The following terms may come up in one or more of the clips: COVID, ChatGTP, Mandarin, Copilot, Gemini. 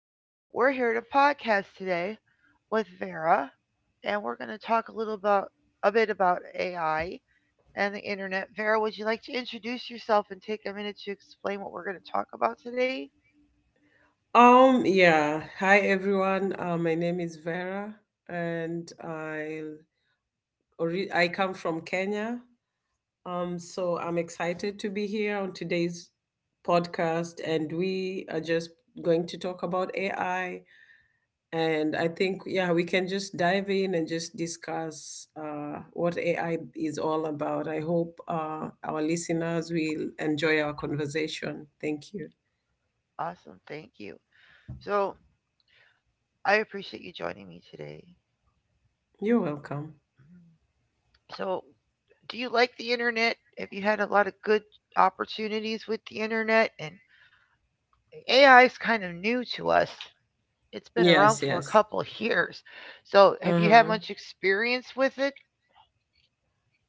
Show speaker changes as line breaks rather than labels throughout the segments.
and we're here to podcast today with Vera, and we're going to talk a bit about AI and the internet. Vera, would you like to introduce yourself and take a minute to explain what we're going to talk about today?
Yeah. Hi, everyone. My name is Vera, and I come from Kenya. So I'm excited to be here on today's podcast, and we are just going to talk about AI. And I think, yeah, we can just dive in and just discuss what AI is all about. I hope our listeners will enjoy our conversation. Thank you.
Awesome, thank you. So, I appreciate you joining me today.
You're welcome.
So, do you like the internet? Have you had a lot of good opportunities with the internet? And AI is kind of new to us. It's been around
Yes,
for a
yes.
couple of years. So,
Uh
have you had
huh.
much experience with it?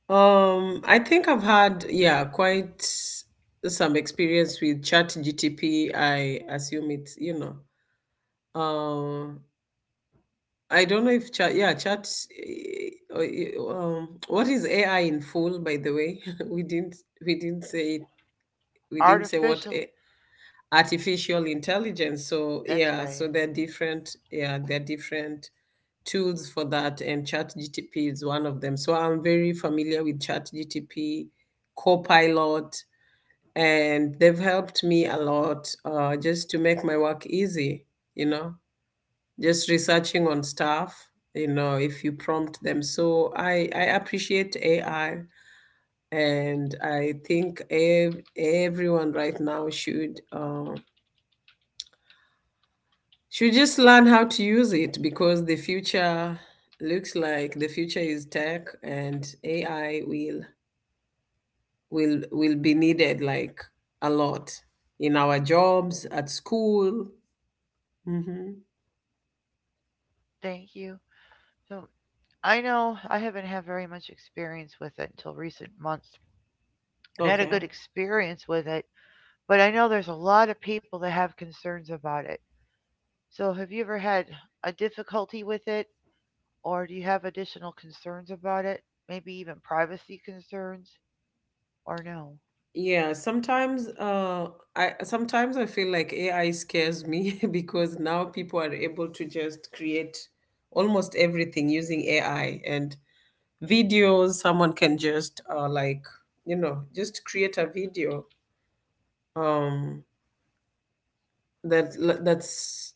I think I've had, yeah, quite some experience with Chat GTP. I assume it's, um, I don't know if chat, yeah, chat, eh, oh, eh, what is AI in full, by the way? We didn't, we didn't say it, we didn't say what
Artificial.
artificial intelligence. So
That's
yeah, so
right.
they're different. Yeah, they're different tools for that, and ChatGTP is one of them. So I'm very familiar with ChatGTP, Copilot, and they've helped me a lot just to make my work easy. You know, just researching on stuff. You know, if you prompt them. So I appreciate AI. And I think everyone right now should just learn how to use it because the future is tech and AI will will be needed like a lot in our jobs at school. Hmm
Thank you. So, I know I haven't had very much experience with it until recent months. I've had a good
Okay.
experience with it, but I know there's a lot of people that have concerns about it. So, have you ever had a difficulty with it, or do you have additional concerns about it? Maybe even privacy concerns, or no?
Yeah, sometimes I feel like AI scares me because now people are able to just create almost everything using AI. And videos, someone can just like, you know, just create a video um that that's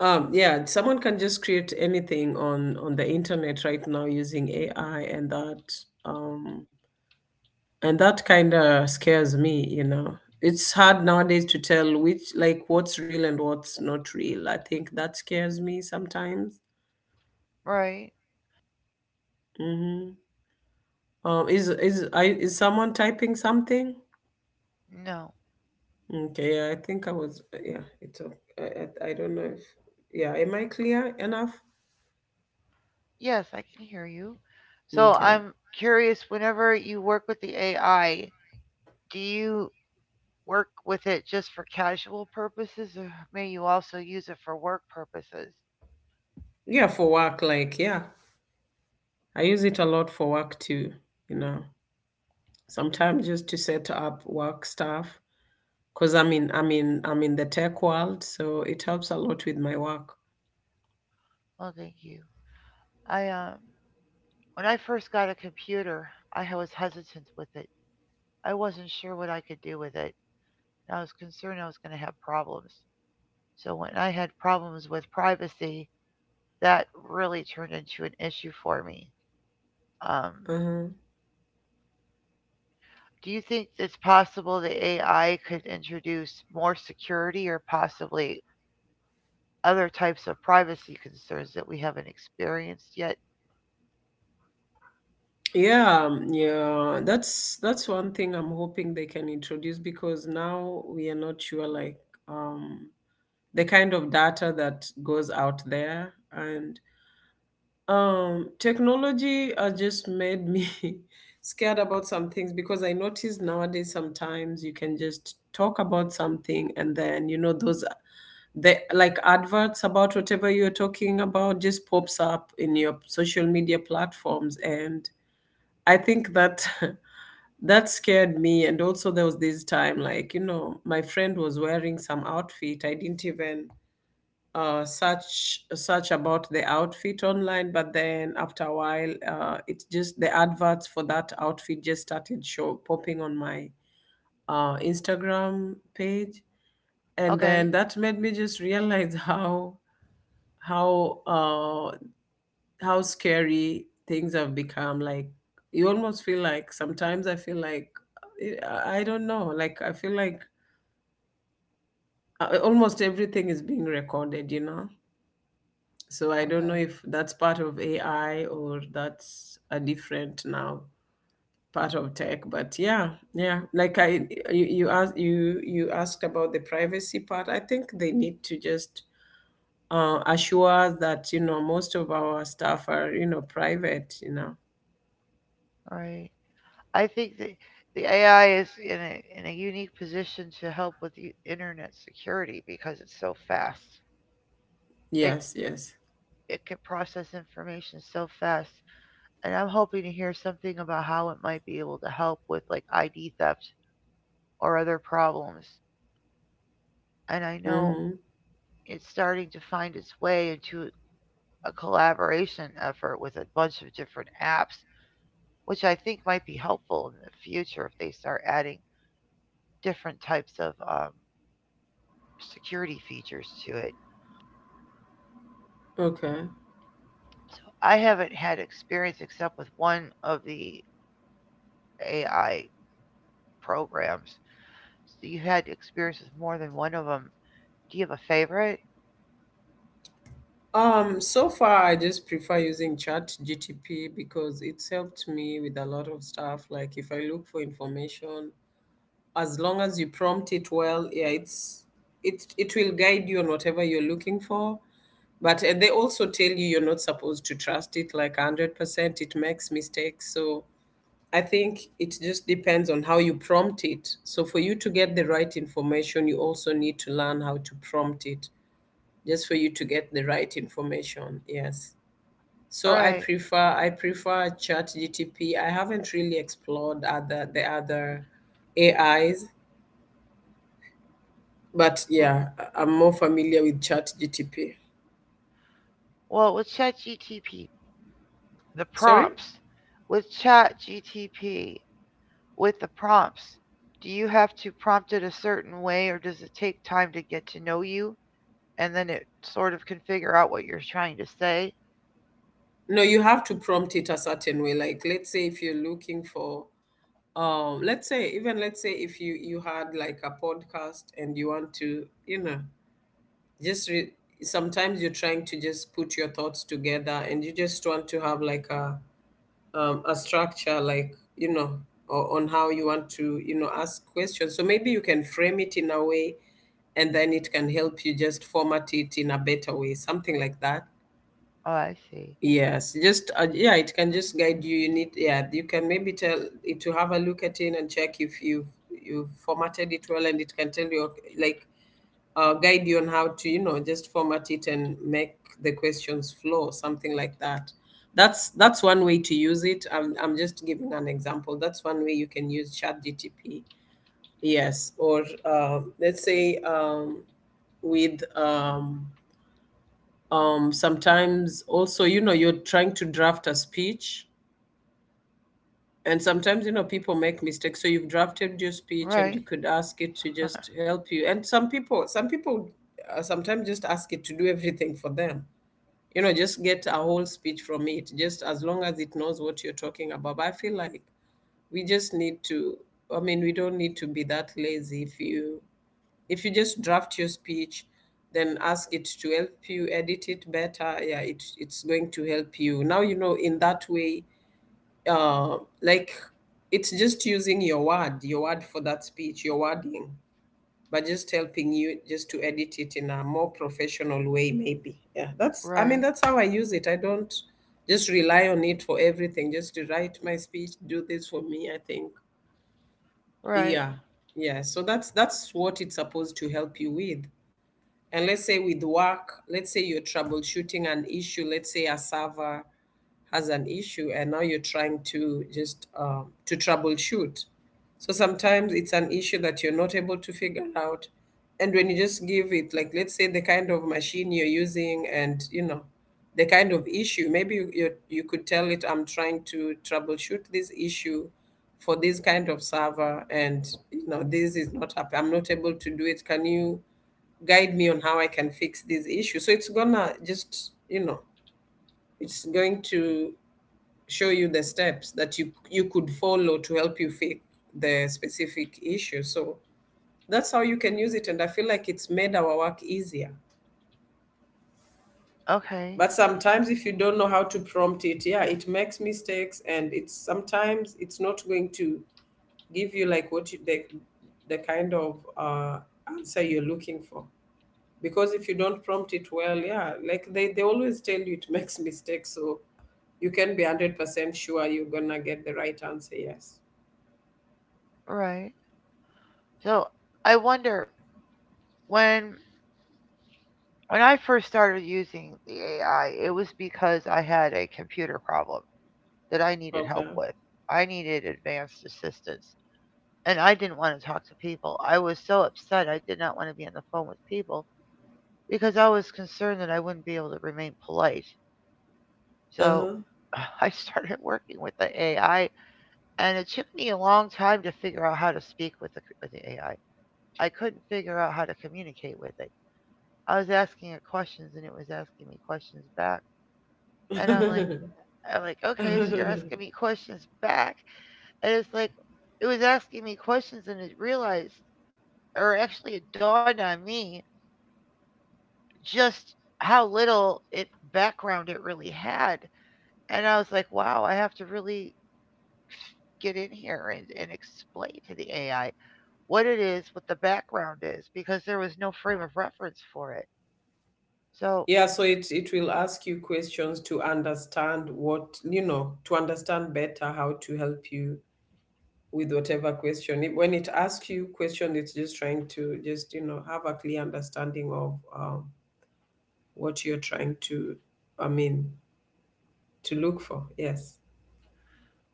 yeah, someone can just create anything on the internet right now using AI. And um that kind of scares me, you know. It's hard nowadays to tell which, like, what's real and what's not real. I think that scares me sometimes.
Right?
Mm-hmm. Is someone typing something?
No.
Okay, yeah, I think I was yeah it's o- I don't know if, yeah, am I clear enough?
Yes, I can hear you. So
Okay.
I'm curious, whenever you work with the AI, do you work with it just for casual purposes or may you also use it for work purposes?
Yeah, for work, like, yeah, I use it a lot for work too, you know. Sometimes just to set up work stuff because I'm in the tech world, so it helps a lot with my work.
Well, thank you. I when I first got a computer, I was hesitant with it. I wasn't sure what I could do with it. I was concerned I was going to have problems. So when I had problems with privacy, that really turned into an issue for me. Um,
Uh-huh.
Do you think it's possible that AI could introduce more security or possibly other types of privacy concerns that we haven't experienced yet?
Yeah, that's one thing I'm hoping they can introduce, because now we are not sure, like, um the kind of data that goes out there. And technology has just made me scared about some things, because I notice nowadays sometimes you can just talk about something, and then, you know, those, the like, adverts about whatever you're talking about just pops up in your social media platforms. And I think that that scared me. And also there was this time, like, you know, my friend was wearing some outfit. I didn't even search about the outfit online, but then after a while, it's just the adverts for that outfit just started show popping on my Instagram page. And
Okay,
then that made me just realize how uh, how scary things have become. Like, you almost feel like, sometimes I feel like I don't know, like I feel like almost everything is being recorded, you know. So I don't know
okay,
if that's part of AI or that's a different, now, part of tech. But yeah, yeah. Like you, you asked you asked about the privacy part. I think they need to just assure that, you know, most of our stuff are, you know, private. You know.
all right. I think that the AI is in a unique position to help with the internet security because it's so fast. It
Yes. Yes.
it can process information so fast, and I'm hoping to hear something about how it might be able to help with like ID theft or other problems. And I know
Mm-hmm.
it's starting to find its way into a collaboration effort with a bunch of different apps, which I think might be helpful in the future if they start adding different types of security features to it.
Okay.
I haven't had experience except with one of the AI programs. So you had experience with more than one of them. Do you have a favorite?
So far I just prefer using Chat GTP because it's helped me with a lot of stuff. Like if I look for information, as long as you prompt it well, yeah, it it will guide you on whatever you're looking for. But they also tell you you're not supposed to trust it like 100%. It makes mistakes, so I think it just depends on how you prompt it. So for you to get the right information, you also need to learn how to prompt it, just for you to get the right information. Yes.
All
So
right.
I prefer Chat GTP. I haven't really explored other the other AIs. But yeah, I'm more familiar with Chat GTP.
Well, with ChatGTP, the
Sorry?
prompts with ChatGTP. with the prompts, do you have to prompt it a certain way or does it take time to get to know you and then it sort of can figure out what you're trying to say?
No, you have to prompt it a certain way. Like, let's say if you're looking for, let's say, even, let's say if you had like a podcast and you want to, you know, just re- sometimes you're trying to just put your thoughts together and you just want to have like a, a structure, like, you know, or on how you want to, you know, ask questions. So maybe you can frame it in a way, and then it can help you just format it in a better way, something like that.
Oh, I see.
Yes, just, yeah, it can just guide you. You need, yeah, you can maybe tell it to have a look at it and check if you've formatted it well, and it can tell you, okay, like, guide you on how to, you know, just format it and make the questions flow, something like that. That's one way to use it. I'm just giving an example. That's one way you can use Chat GTP. Yes. Or let's say, with sometimes also, you know, you're trying to draft a speech. And sometimes, you know, people make mistakes. So you've drafted your speech and
Right,
you could ask it to just help you. And some people sometimes just ask it to do everything for them. You know, just get a whole speech from it, just as long as it knows what you're talking about. But I feel like we just need to, I mean, we don't need to be that lazy. If you just draft your speech, then ask it to help you edit it better. Yeah, it's going to help you. Now, you know, in that way, like, it's just using your word for that speech, your wording, but just helping you just to edit it in a more professional way, maybe. Yeah, that's, I
right,
mean, that's how I use it. I don't just rely on it for everything, just to write my speech, do this for me, I think.
right.
Yeah, yeah. So that's what it's supposed to help you with. And let's say with work, let's say you're troubleshooting an issue. Let's say a server has an issue, and now you're trying to just to troubleshoot. So sometimes it's an issue that you're not able to figure out, and when you just give it, like, let's say the kind of machine you're using, and, you know, the kind of issue, maybe you could tell it, I'm trying to troubleshoot this issue for this kind of server, and, you know, this is not happening, I'm not able to do it, can you guide me on how I can fix this issue. So it's gonna just, you know, it's going to show you the steps that you could follow to help you fix the specific issue. So that's how you can use it, and I feel like it's made our work easier.
Okay,
But sometimes if you don't know how to prompt it, yeah, it makes mistakes, and it's sometimes it's not going to give you like the kind of answer you're looking for. Because if you don't prompt it well, yeah, like, they always tell you it makes mistakes, so you can be 100% sure you're gonna get the right answer. Yes.
right. So I wonder when when I first started using the AI, it was because I had a computer problem that I needed
Okay.
help with. I needed advanced assistance and I didn't want to talk to people. I was so upset. I did not want to be on the phone with people because I was concerned that I wouldn't be able to remain polite. So
Uh-huh.
I started working with the AI, and it took me a long time to figure out how to speak with with the AI. I couldn't figure out how to communicate with it. I was asking it questions, and it was asking me questions back. And I'm like, okay, so you're asking me questions back, and it's like, it was asking me questions, and it realized, or actually, it dawned on me just how little it background it really had. And I was like, wow, I have to really get in here and explain to the AI what it is, what the background is, because there was no frame of reference for it. So,
Yeah, so it will ask you questions to understand, what, you know, to understand better how to help you with whatever question. When it asks you question, it's just trying to just, you know, have a clear understanding of, what you're trying to, I mean, to look for. Yes.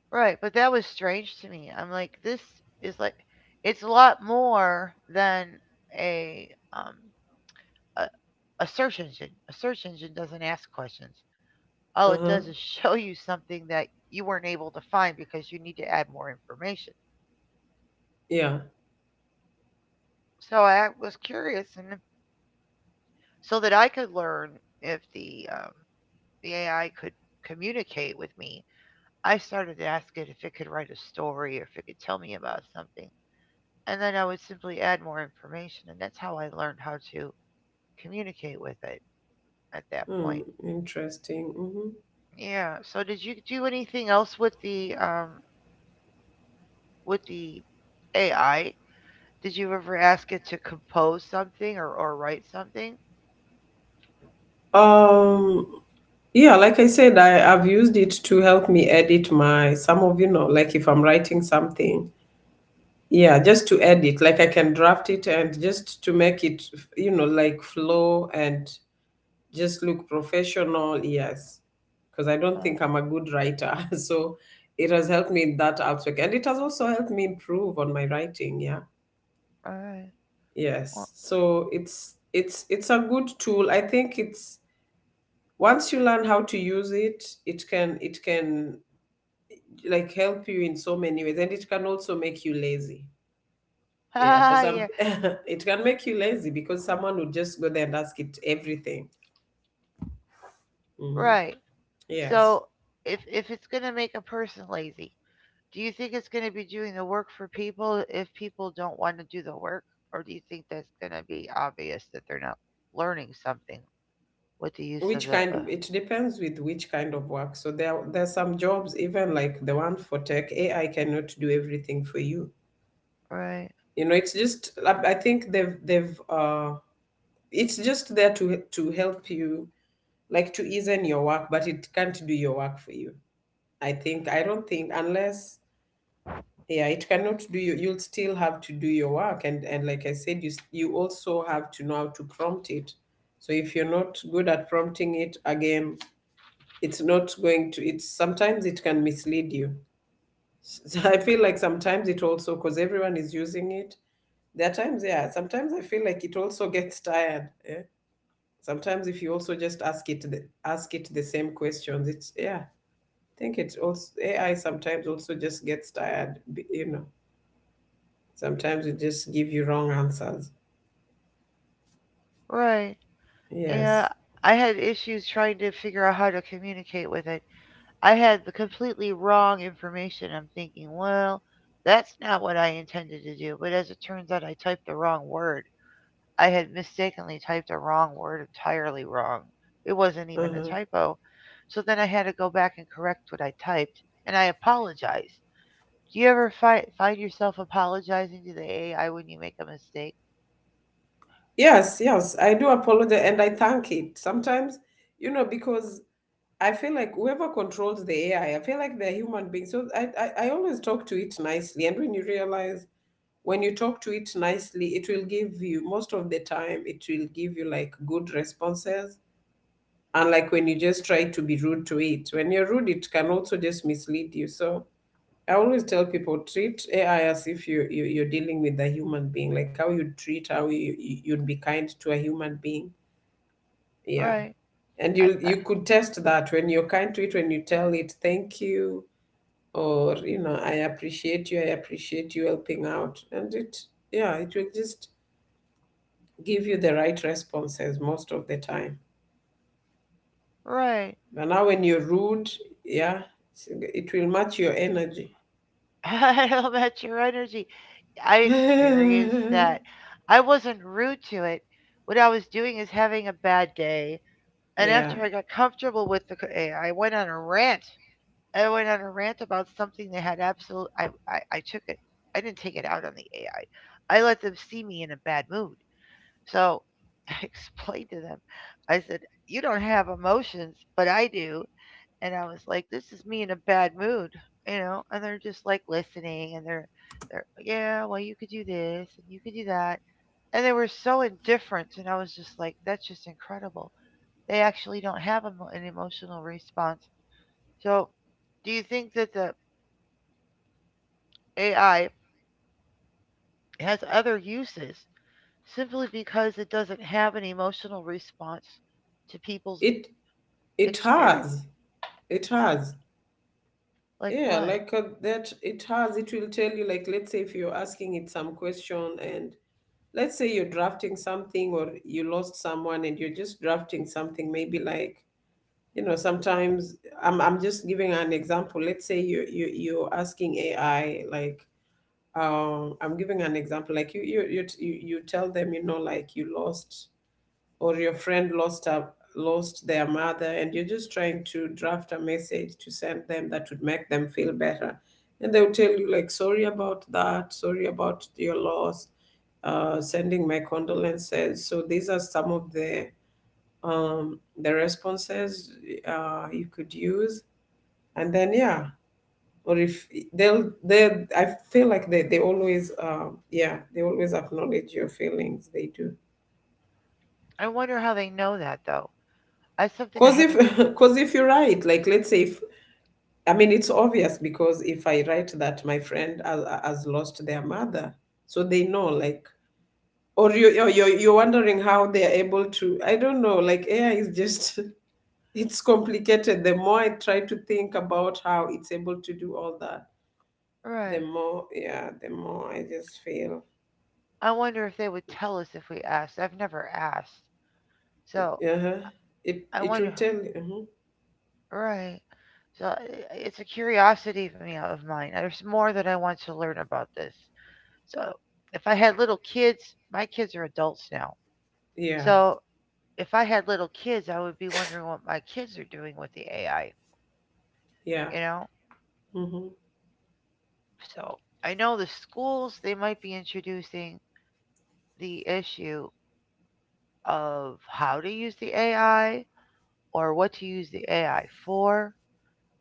right. But that was strange to me. I'm like, this is like, it's a lot more than a, um, a, a search engine. A search engine doesn't ask questions. All it
Uh-huh.
does is show you something that you weren't able to find because you need to add more information.
Yeah.
So I was curious and so that I could learn if the the AI could communicate with me. I started to ask it if it could write a story or if it could tell me about something, and then I would simply add more information, and that's how I learned how to communicate with it at that
Hmm.
point.
Interesting. Hmm
Yeah. So did you do anything else with the AI? Did you ever ask it to compose something or write something?
Um, yeah, like I said, I've used it to help me edit my you know, like if I'm writing something. Yeah, just to edit. Like, I can draft it and just to make it, you know, like, flow and just look professional. Yes. Because I don't
Uh,
think I'm a good writer. So it has helped me in that aspect. And it has also helped me improve on my writing. Yeah.
all right.
Yes.
Well,
So it's a good tool. I think it's once you learn how to use it, it can, like, help you in so many ways, and it can also make you lazy. Yeah, for some
yeah.
it can make you lazy, because someone would just go there and ask it everything. Hmm
Right.
Yes.
So if it's going to make a person lazy, do you think it's going to be doing the work for people if people don't want to do the work, or do you think that's going to be obvious that they're not learning something with the use of
Which
the
kind of, it depends with which kind of work. So there's some jobs even like the one for tech AI cannot do everything for you.
right,
You know, it's just I think they've it's just there to help you, like to easen your work, but it can't do your work for you. I think i don't think unless Yeah, it cannot do. You'll still have to do your work. And like I said, you also have to know how to prompt it. So if you're not good at prompting it again, it's not going to it's sometimes it can mislead you. So I feel like sometimes it also, because everyone is using it, there are times, yeah, sometimes I feel like it also gets tired, eh? Sometimes if you also just ask it the same questions, it's, yeah. I think it's also AI sometimes also just gets tired. You know, sometimes it just give you wrong answers.
right?
Yes.
Yeah, I had issues trying to figure out how to communicate with it. I had the completely wrong information. I'm thinking, well, that's not what I intended to do, but as it turns out, I typed the wrong word. I had mistakenly typed a wrong word entirely wrong. It wasn't even a
Uh-huh.
typo. So then I had to go back and correct what I typed, and I apologized. Do you ever find yourself apologizing to the AI when you make a mistake?
Yes, yes. I do apologize and I thank it. Sometimes, you know, because I feel like whoever controls the AI, I feel like they're human beings. So I always talk to it nicely. And when you realize, when you talk to it nicely, it will give you, most of the time, it will give you like good responses. And like when you just try to be rude to it, when you're rude, it can also just mislead you. So I always tell people, treat AI as if you you're dealing with a human being, like how you treat, how you'd be kind to a human being. Yeah.
Right.
And
I,
you
I,
you could test that when you're kind to it, when you tell it thank you or, you know, I appreciate you helping out. And it, yeah, it will just give you the right responses most of the time.
right.
But now when you're rude, yeah, it's- it will match your energy.
I don't match your energy. I experienced that. I wasn't rude to it. What I was doing is having a bad day. And
Yeah,
after I got comfortable with the AI, I went on a rant. I went on a rant about something that had absolute. I took it. I didn't take it out on the AI. I let them see me in a bad mood. So I explained to them. I said, "You don't have emotions, but I do." And I was like, "This is me in a bad mood," you know. And they're just like listening, and they're, yeah, well, you could do this, and you could do that. And they were so indifferent, and I was just like, "That's just incredible." They actually don't have emo an emotional response. So do you think that the AI has other uses simply because it doesn't have an emotional response to people's
it it
experience.
has, it has.
Like
Yeah,
what?
like that. It has. It will tell you, like, let's say if you're asking it some question, and let's say you're drafting something, or you lost someone, and you're just drafting something. Maybe, like, you know, sometimes I'm just giving an example. Let's say you're asking AI like, I'm giving an example, like you tell them, you know, like you lost, or your friend lost a, lost their mother, and you're just trying to draft a message to send them that would make them feel better. And they'll tell you, like, sorry about that, sorry about your loss, sending my condolences. So these are some of um, the responses you could use. And then, yeah, or if they'll they I feel like they always, yeah, they always acknowledge your feelings. They do.
I wonder how they know that though. That's something I
Cause if
haven't.
cause if you write, like, let's say if, I mean, it's obvious, because if I write that my friend has lost their mother, so they know, like, or you you're, you're wondering how they're able to, I don't know, like AI is just it's complicated. The more I try to think about how it's able to do all that, the
Right.
more, yeah, the more I just feel.
I wonder if they would tell us if we asked. I've never asked. So
Uh-huh. It
I
it will
wonder.
tell you. Mhm.
Right. So it's a curiosity of me of mine. There's more that I want to learn about this. So if I had little kids, my kids are adults now.
Yeah,
So if I had little kids, I would be wondering what my kids are doing with the AI,
yeah.
you know?
Mhm.
So I know the schools, they might be introducing the issue of how to use the AI or what to use the AI for.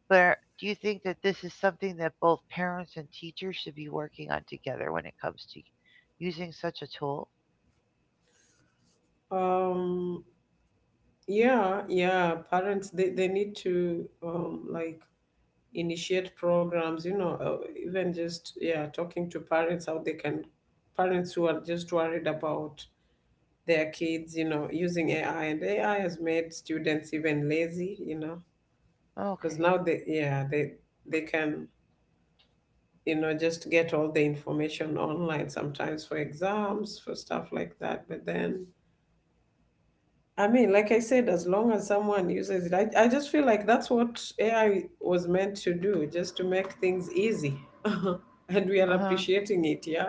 But do you think that this is something that both parents and teachers should be working on together when it comes to using such a tool?
Um yeah, yeah. Parents, they need to, like, initiate programs, you know, even just, yeah, talking to parents how they can, parents who are just worried about their kids, you know, using AI. And AI has made students even lazy, you know, because
Okay.
now they, yeah, they can, you know, just get all the information online sometimes for exams, for stuff like that. But then, I mean, like I said, as long as someone uses it, I just feel like that's what AI was meant to do, just to make things easy. And we are
Uh huh.
appreciating it. Yeah,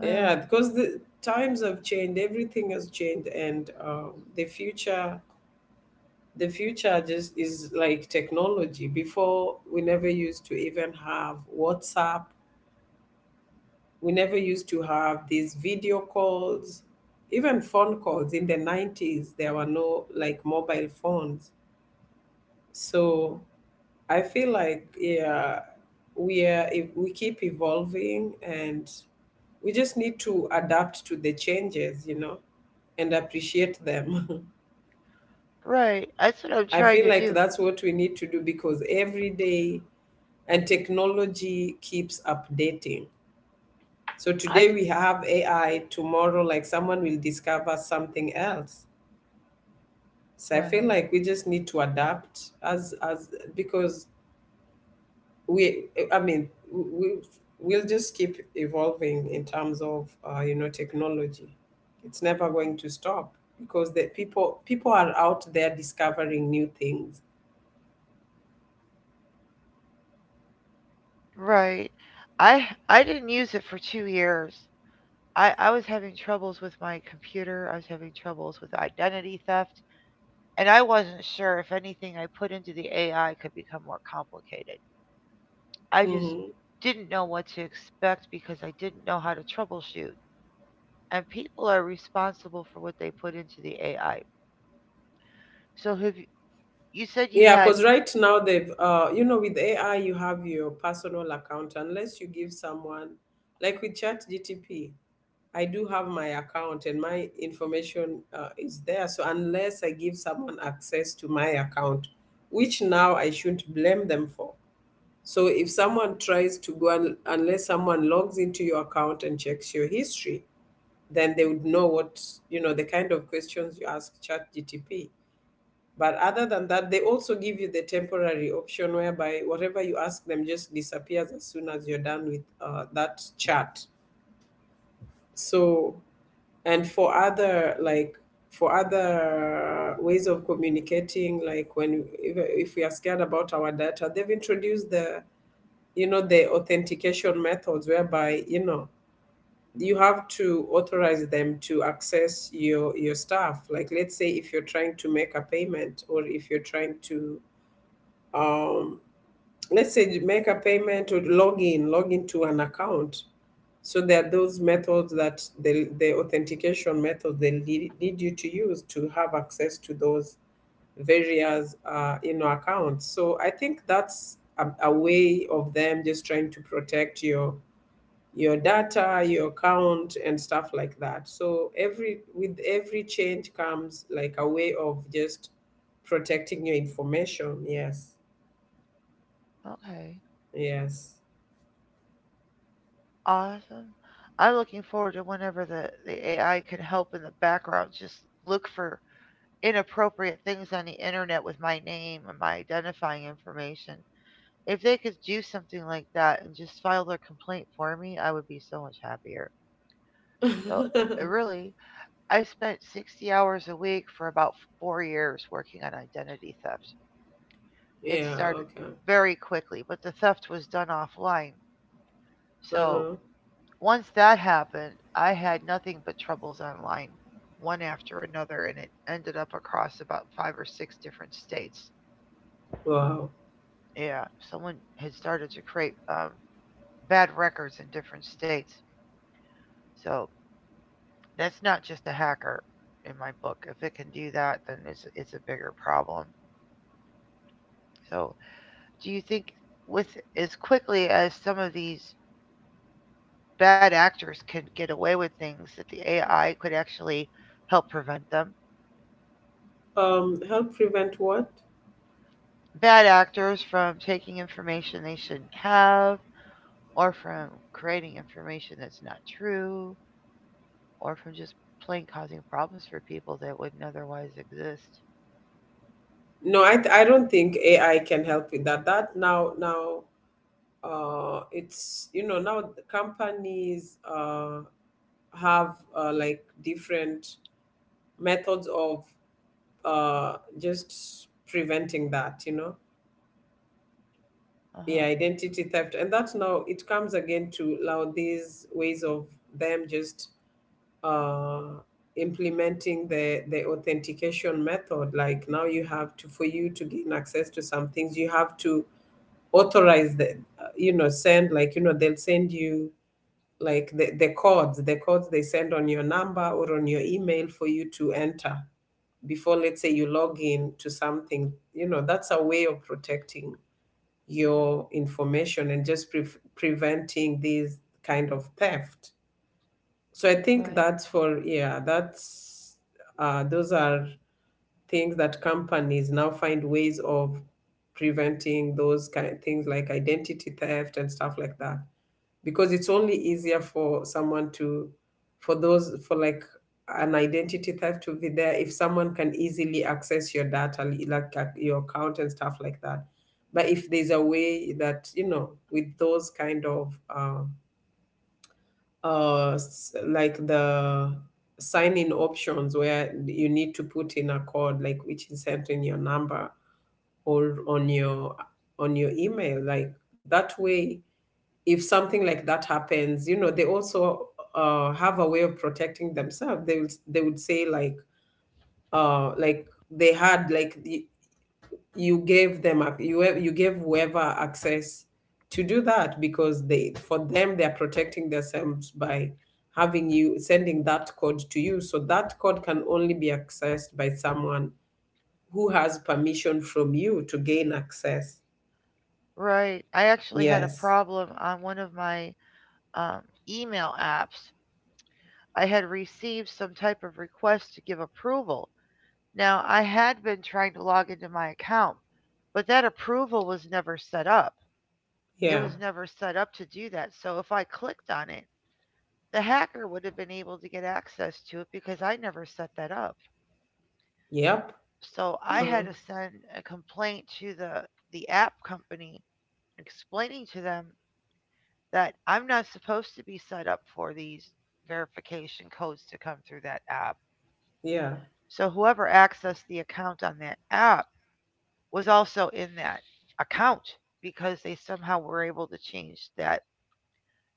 Uh,
yeah, because the times have changed, everything has changed. And the future, the future just is like technology. Before we never used to even have WhatsApp, we never used to have these video calls. Even phone calls in the 90s, there were no like mobile phones. So I feel like, yeah, we are, if we keep evolving and we just need to adapt to the changes, you know, and appreciate them.
right. That's what I'm
I
trying
feel
to
like
do.
that's what we need to do, because every day, and technology keeps updating. So
I,
today we have AI, tomorrow, like, someone will discover something else. So I feel
right.
like we just need to adapt, as, because we, I mean, we we'll just keep evolving in terms of you know, technology. It's never going to stop because the people are out there discovering new things.
Right. I didn't use it for 2 years. I was having troubles with my computer. I was having troubles with identity theft, and I wasn't sure if anything I put into the AI could become more complicated. I just
Mm-hmm.
didn't know what to expect because I didn't know how to troubleshoot. And people are responsible for what they put into the AI. So have you, you said you
Yeah,
had
because right now they've, you know, with AI, you have your personal account, unless you give someone, like with ChatGTP, I do have my account and my information is there. So unless I give someone access to my account, which now I shouldn't blame them for. So if someone tries to go, unless someone logs into your account and checks your history, then they would know what, you know, the kind of questions you ask ChatGTP. But other than that, they also give you the temporary option, whereby whatever you ask them just disappears as soon as you're done with that chat. So, and for other like for other ways of communicating, like when if, we are scared about our data, they've introduced the, you know, the authentication methods, whereby, you know, you have to authorize them to access your stuff. Like, let's say if you're trying to make a payment or if you're trying to, um, let's say you make a payment or log in, log into an account. So there are those methods that the authentication methods they lead you to use to have access to those various, you know, accounts. So I think that's a way of them just trying to protect your data, your account, and stuff like that. So every with every change comes like a way of just protecting your information. Yes,
okay.
yes.
Awesome. I'm looking forward to whenever the AI can help in the background just look for inappropriate things on the internet with my name and my identifying information. If they could do something like that and just file their complaint for me, I would be so much happier. So, really, I spent 60 hours a week for about 4 years working on identity theft. It
Yeah,
started
okay.
very quickly, but the theft was done offline. So,
Uh-huh.
once that happened, I had nothing but troubles online, one after another, and it ended up across about five or six different states.
Wow.
Yeah, someone had started to create bad records in different states. So that's not just a hacker in my book. If it can do that, then it's a bigger problem. So do you think with as quickly as some of these bad actors can get away with things that the AI could actually help prevent them?
Help prevent what?
Bad actors from taking information they shouldn't have or from creating information that's not true or from just plain causing problems for people that wouldn't otherwise exist.
No, I don't think AI can help with that. That now now it's, you know, now the companies have, like, different methods of uh just preventing that, you know.
Uh huh.
Yeah, identity theft. And that's now it comes again to now these ways of them just uh implementing the authentication method. Like now you have to, for you to gain access to some things, you have to authorize the, you know, send, like, you know, they'll send you like the codes, the codes they send on your number or on your email for you to enter before, let's say, you log in to something. You know, that's a way of protecting
Hmm.
your information and just preventing these kind of theft. So I think
Right.
that's for, yeah, that's, those are things that companies now find ways of preventing, those kind of things like identity theft and stuff like that. Because it's only easier for someone to, for those for like an identity theft to be there if someone can easily access your data, like, your account and stuff like that. But if there's a way that, you know, with those kind of, um like the sign in options where you need to put in a code, like, which is sent in your number or on your, on your email, like, that way, if something like that happens, you know, they also, have a way of protecting themselves. They would, they would say, like, like they had like you gave them you you gave whoever access to do that, because they, for them, they're protecting themselves by having you, sending that code to you, so that code can only be accessed by someone who has permission from you to gain access.
Right. I actually had a
Yes.
problem on one of my um, email apps. I had received some type of request to give approval. Now, I had been trying to log into my account, but that approval was never set up. It
Yeah.
was never set up to do that. So if I clicked on it, the hacker would have been able to get access to it because I never set that up.
Yep.
So I
Uh-huh.
had to send a complaint to the app company explaining to them that I'm not supposed to be set up for these verification codes to come through that app.
Yeah.
So whoever accessed the account on that app was also in that account because they somehow were able to change that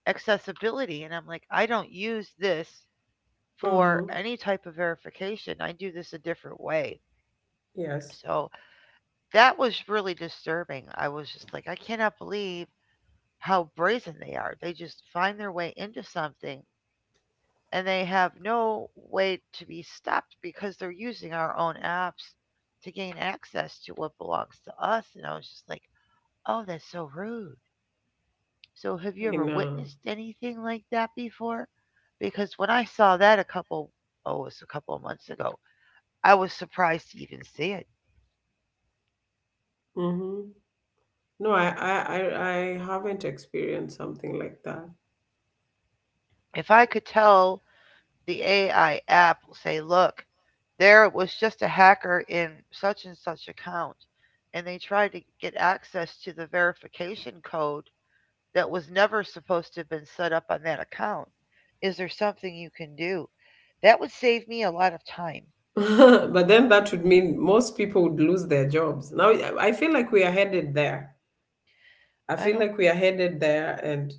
accessibility, and I'm like, I don't use this for
Mm-hmm.
any type of verification. I do this a different way.
Yes.
So that was really disturbing. I was just like, I cannot believe how brazen they are. They just find their way into something and they have no way to be stopped because they're using our own apps to gain access to what belongs to us. And I was just like, oh, that's so rude. So, have you
I
ever
know.
witnessed anything like that before? Because when I saw that a couple, oh, it was a couple of months ago, I was surprised to even see it.
Mm-hmm. No, I haven't experienced something like that.
If I could tell the AI app will say, look, there was just a hacker in such and such account, and they tried to get access to the verification code that was never supposed to have been set up on that account. Is there something you can do? That would save me a lot of time.
But then that would mean most people would lose their jobs. Now, I feel like we are headed there. I
I
feel
don't,
like we are headed there. And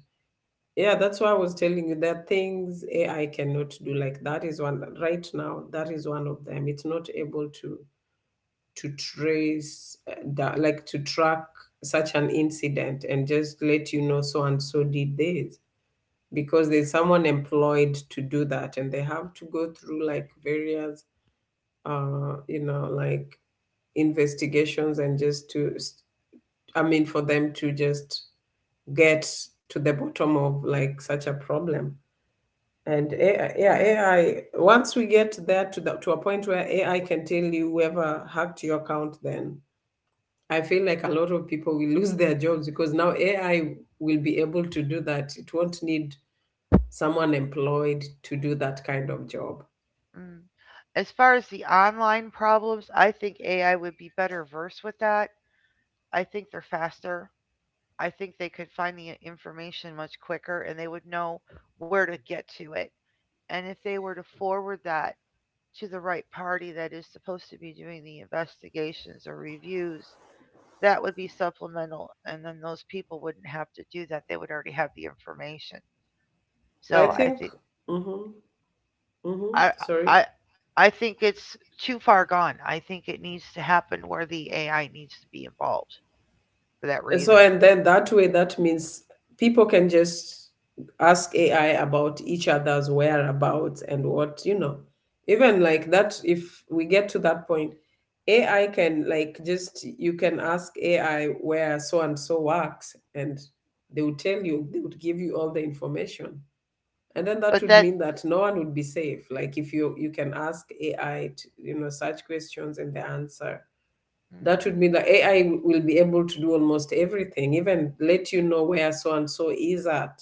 yeah, that's why I was telling you that things AI cannot do. Like that is one, right now, that is one of them. It's not able to trace that, like to track such an incident and just let you know so and so did this, because there's someone employed to do that and they have to go through like various uh you know like investigations and just to s- I mean for them to just get to the bottom of like such a problem. And AI,
right?
yeah, AI, once we get there to to a point where AI can tell you whoever hacked your account, then I feel like a lot of people will lose their jobs, because now AI will be able to do that. It won't need someone employed to do that kind of job.
Mm. As far as the online problems, I think AI would be better versed with that. I think they're faster. I think they could find the information much quicker and they would know where to get to it. And if they were to forward that to the right party that is supposed to be doing the investigations or reviews, that would be supplemental. And then those people wouldn't have to do that. They would already have the information.
I
So I
think
think,
Mhm. Mhm,
I,
sorry.
I, I think it's too far gone. I think it needs to happen where the AI needs to be involved for that
So,
reason.
and then that way, that means people can just ask AI about each other's whereabouts and even like that, if we get to that point, AI can like just, you can ask AI where so and so works, and they would tell you, they would give you all the information. And then that
But
would
that,
mean that no one would be safe. Like if you can ask AI, such questions, and the answer, that would
mm,
mean that AI will be able to do almost everything, even let you know where so and so is at.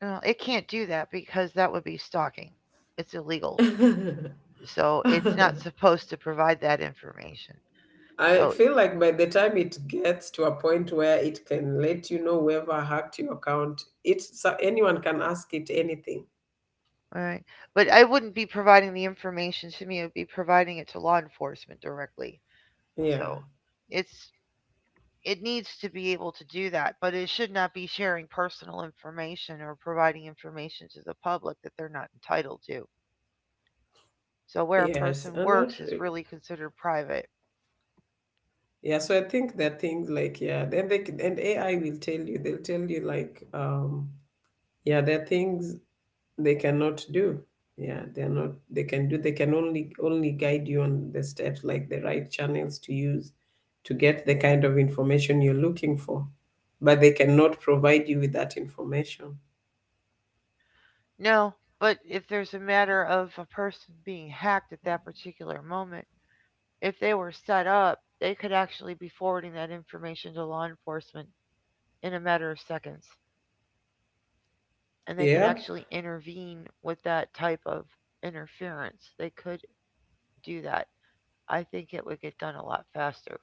well, it can't do that because that would be stalking. It's illegal. So it's not supposed to provide that information.
I
So,
feel like by the time it gets to a point where it can let you know whoever hacked your account, it's so anyone can ask it anything.
all right. But I wouldn't be providing the information to me. It would be providing it to law enforcement directly.
Yeah.
So it's, it needs to be able to do that, but it should not be sharing personal information or providing information to the public that they're not entitled to. So where a
Yes.
person works is really considered private.
So I think there are things, like, yeah, then they can, and AI will tell you. They'll tell you like, yeah, there are things they cannot do. Yeah, they're not they can do they can only guide you on the steps, like the right channels to use to get the kind of information you're looking for, but they cannot provide you with that information.
No, but if there's a matter of a person being hacked at that particular moment, if they were set up, they could actually be forwarding that information to law enforcement in a matter of seconds. And they could
Yep.
actually intervene with that type of interference. They could do that. I think it would get done a lot faster.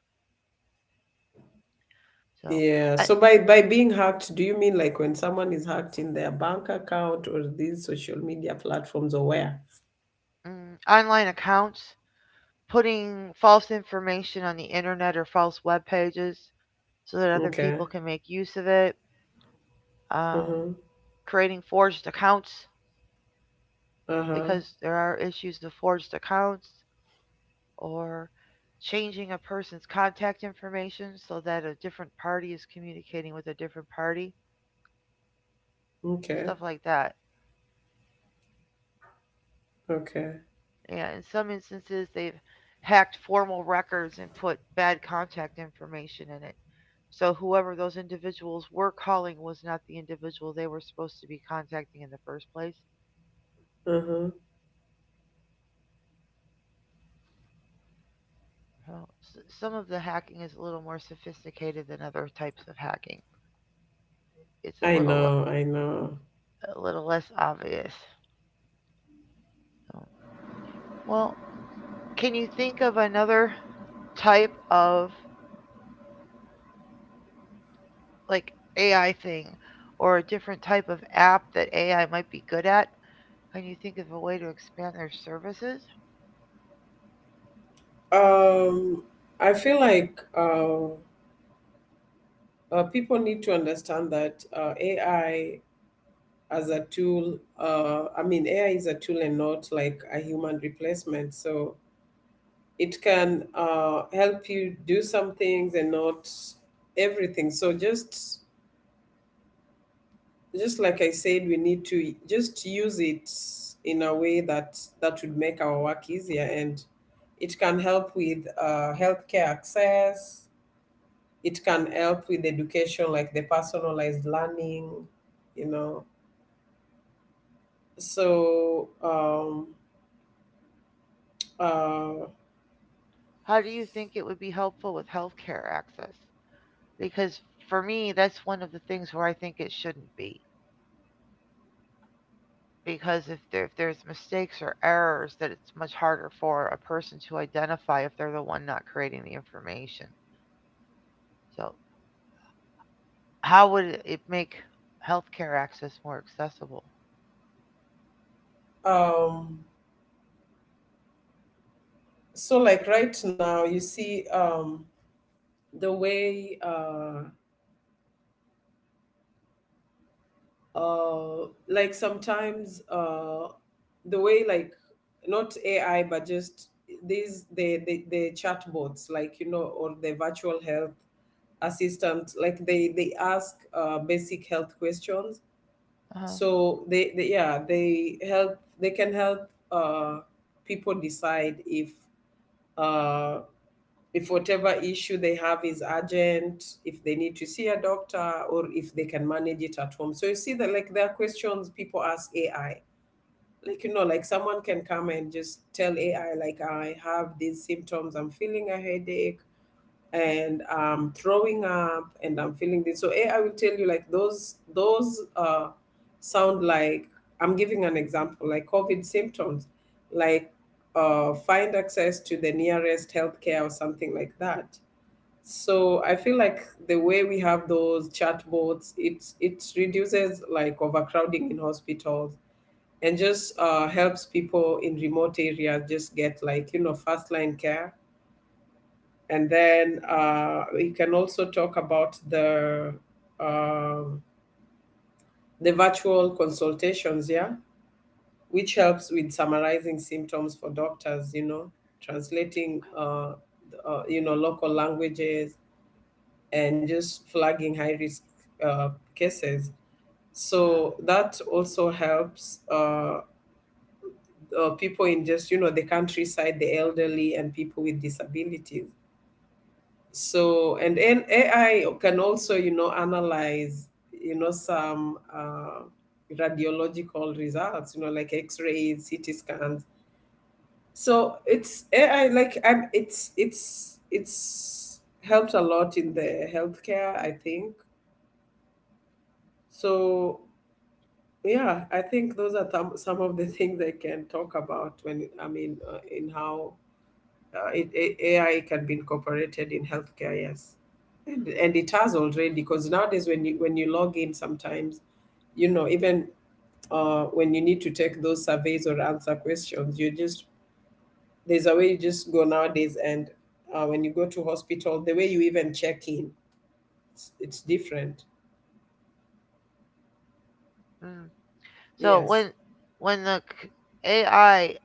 So,
Yeah,
I,
so by being hacked, do you mean like when someone is hacked in their bank account or these social media platforms or where?
mm, online accounts, putting false information on the internet or false web pages so that other
Okay.
people can make use of it, um,
Uh-huh.
creating forged accounts
Uh-huh.
because there are issues of forged accounts, or changing a person's contact information so that a different party is communicating with a different party,
Okay.
stuff like that.
Okay.
Yeah, in some instances, they've hacked formal records and put bad contact information in it. So whoever those individuals were calling was not the individual they were supposed to be contacting in the first place.
Uh-huh.
Well, some of the hacking is a little more sophisticated than other types of hacking. It's
I know, I know.
a little less obvious. So, well, can you think of another type of like AI thing or a different type of app that AI might be good at? Can you think of a way to expand their services?
Um, I feel like people need to understand that AI as a tool, I mean, AI is a tool and not like a human replacement. So it can help you do some things and not everything. So just like I said, we need to just use it in a way that would make our work easier. And it can help with healthcare access, it can help with education, like the personalized learning you know so um uh
How do you think it would be helpful with healthcare access? Because for me, that's one of the things where I think it shouldn't be, because if there, if there's mistakes or errors, that it's much harder for a person to identify if they're the one not creating the information. So how would it make healthcare access more accessible?
um so like right now you see, the way like sometimes the way like not AI, but just the chatbots, like, you know, or the virtual health assistant, like they ask basic health questions.
Uh-huh.
So they, yeah, they help, they can help uh, people decide if, uh, if whatever issue they have is urgent, if they need to see a doctor or if they can manage it at home. So you see that, like, there are questions people ask AI, like, you know, like someone can come and just tell AI, like, I have these symptoms, I'm feeling a headache and I'm throwing up and I'm feeling this. So AI will tell you, like, those sound like, I'm giving an example, like COVID symptoms, like, find access to the nearest healthcare or something like that. So I feel like the way we have those chatbots, it reduces like overcrowding in hospitals, and just helps people in remote areas just get, like, you know, first line care. And then we can also talk about um, the virtual consultations, yeah, which helps with summarizing symptoms for doctors, you know, translating, you know, local languages, and just flagging high risk uh, cases.
Uh-huh.
So that also helps, people in, just, you know, the countryside, the elderly, and people with disabilities. So and AI can also, you know, analyze, you know, some radiological results, you know, like x-rays, CT scans. So it's AI, like, I'm it's it's helped a lot in the healthcare, I think. So, yeah, I think those are some of the things I can talk about when in how AI can be incorporated in healthcare, yes. And it has already, because nowadays when you log in, sometimes, you know, even, when you need to take those surveys or answer questions, you just, there's a way you just go nowadays, and when you go to hospital, the way you even check in, it's different.
Mm. So
Yes.
when the AI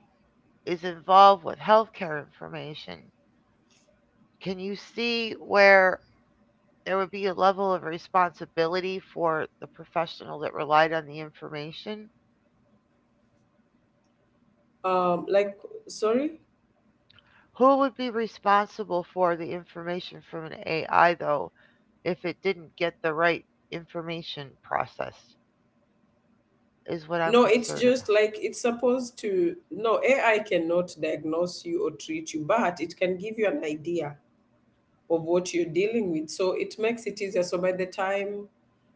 is involved with healthcare information, can you see where there would be a level of responsibility for the professional that relied on the information?
Um, like Sorry,
Who would be responsible for the information from an AI, though, if it didn't get the right information processed, is what I'm
no, it's
concerned about.
just like it's supposed to. No, AI cannot diagnose you or treat you, but it can give you an idea of what you're dealing with. So it makes it easier. So by the time,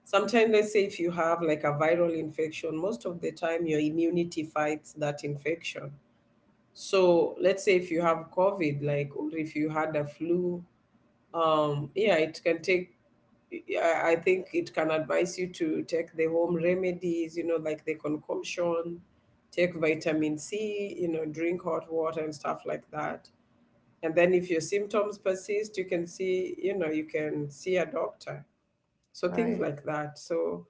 sometimes, let's say if you have like a viral infection, most of the time your immunity fights that infection. So let's say if you have COVID, like, or if you had a flu, yeah, it can take. I think it can advise you to take the home remedies, you know, like the concoction, take vitamin C, you know, drink hot water and stuff like that. And then if your symptoms persist, you can see, you know, you can see a doctor. So things
Right,
like that. So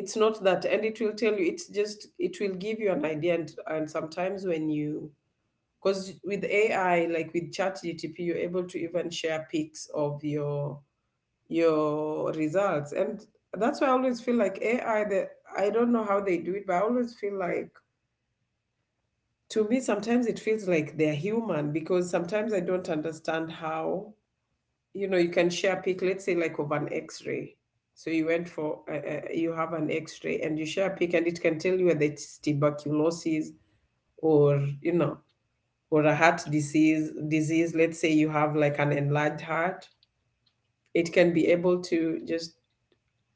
it's not that, and it will tell you, it's just, it will give you an idea. And sometimes when you, because with AI, like with ChatGTP, you're able to even share pics of your results. And that's why I always feel like AI, that, I don't know how they do it, but I always feel like, to me, sometimes it feels like they're human, because sometimes I don't understand how, you know, you can share pic, let's say, like, of an x-ray. So you went for, you have an x-ray and you share a pic, and it can tell you whether it's tuberculosis or, you know, or a heart disease, let's say you have like an enlarged heart. It can be able to just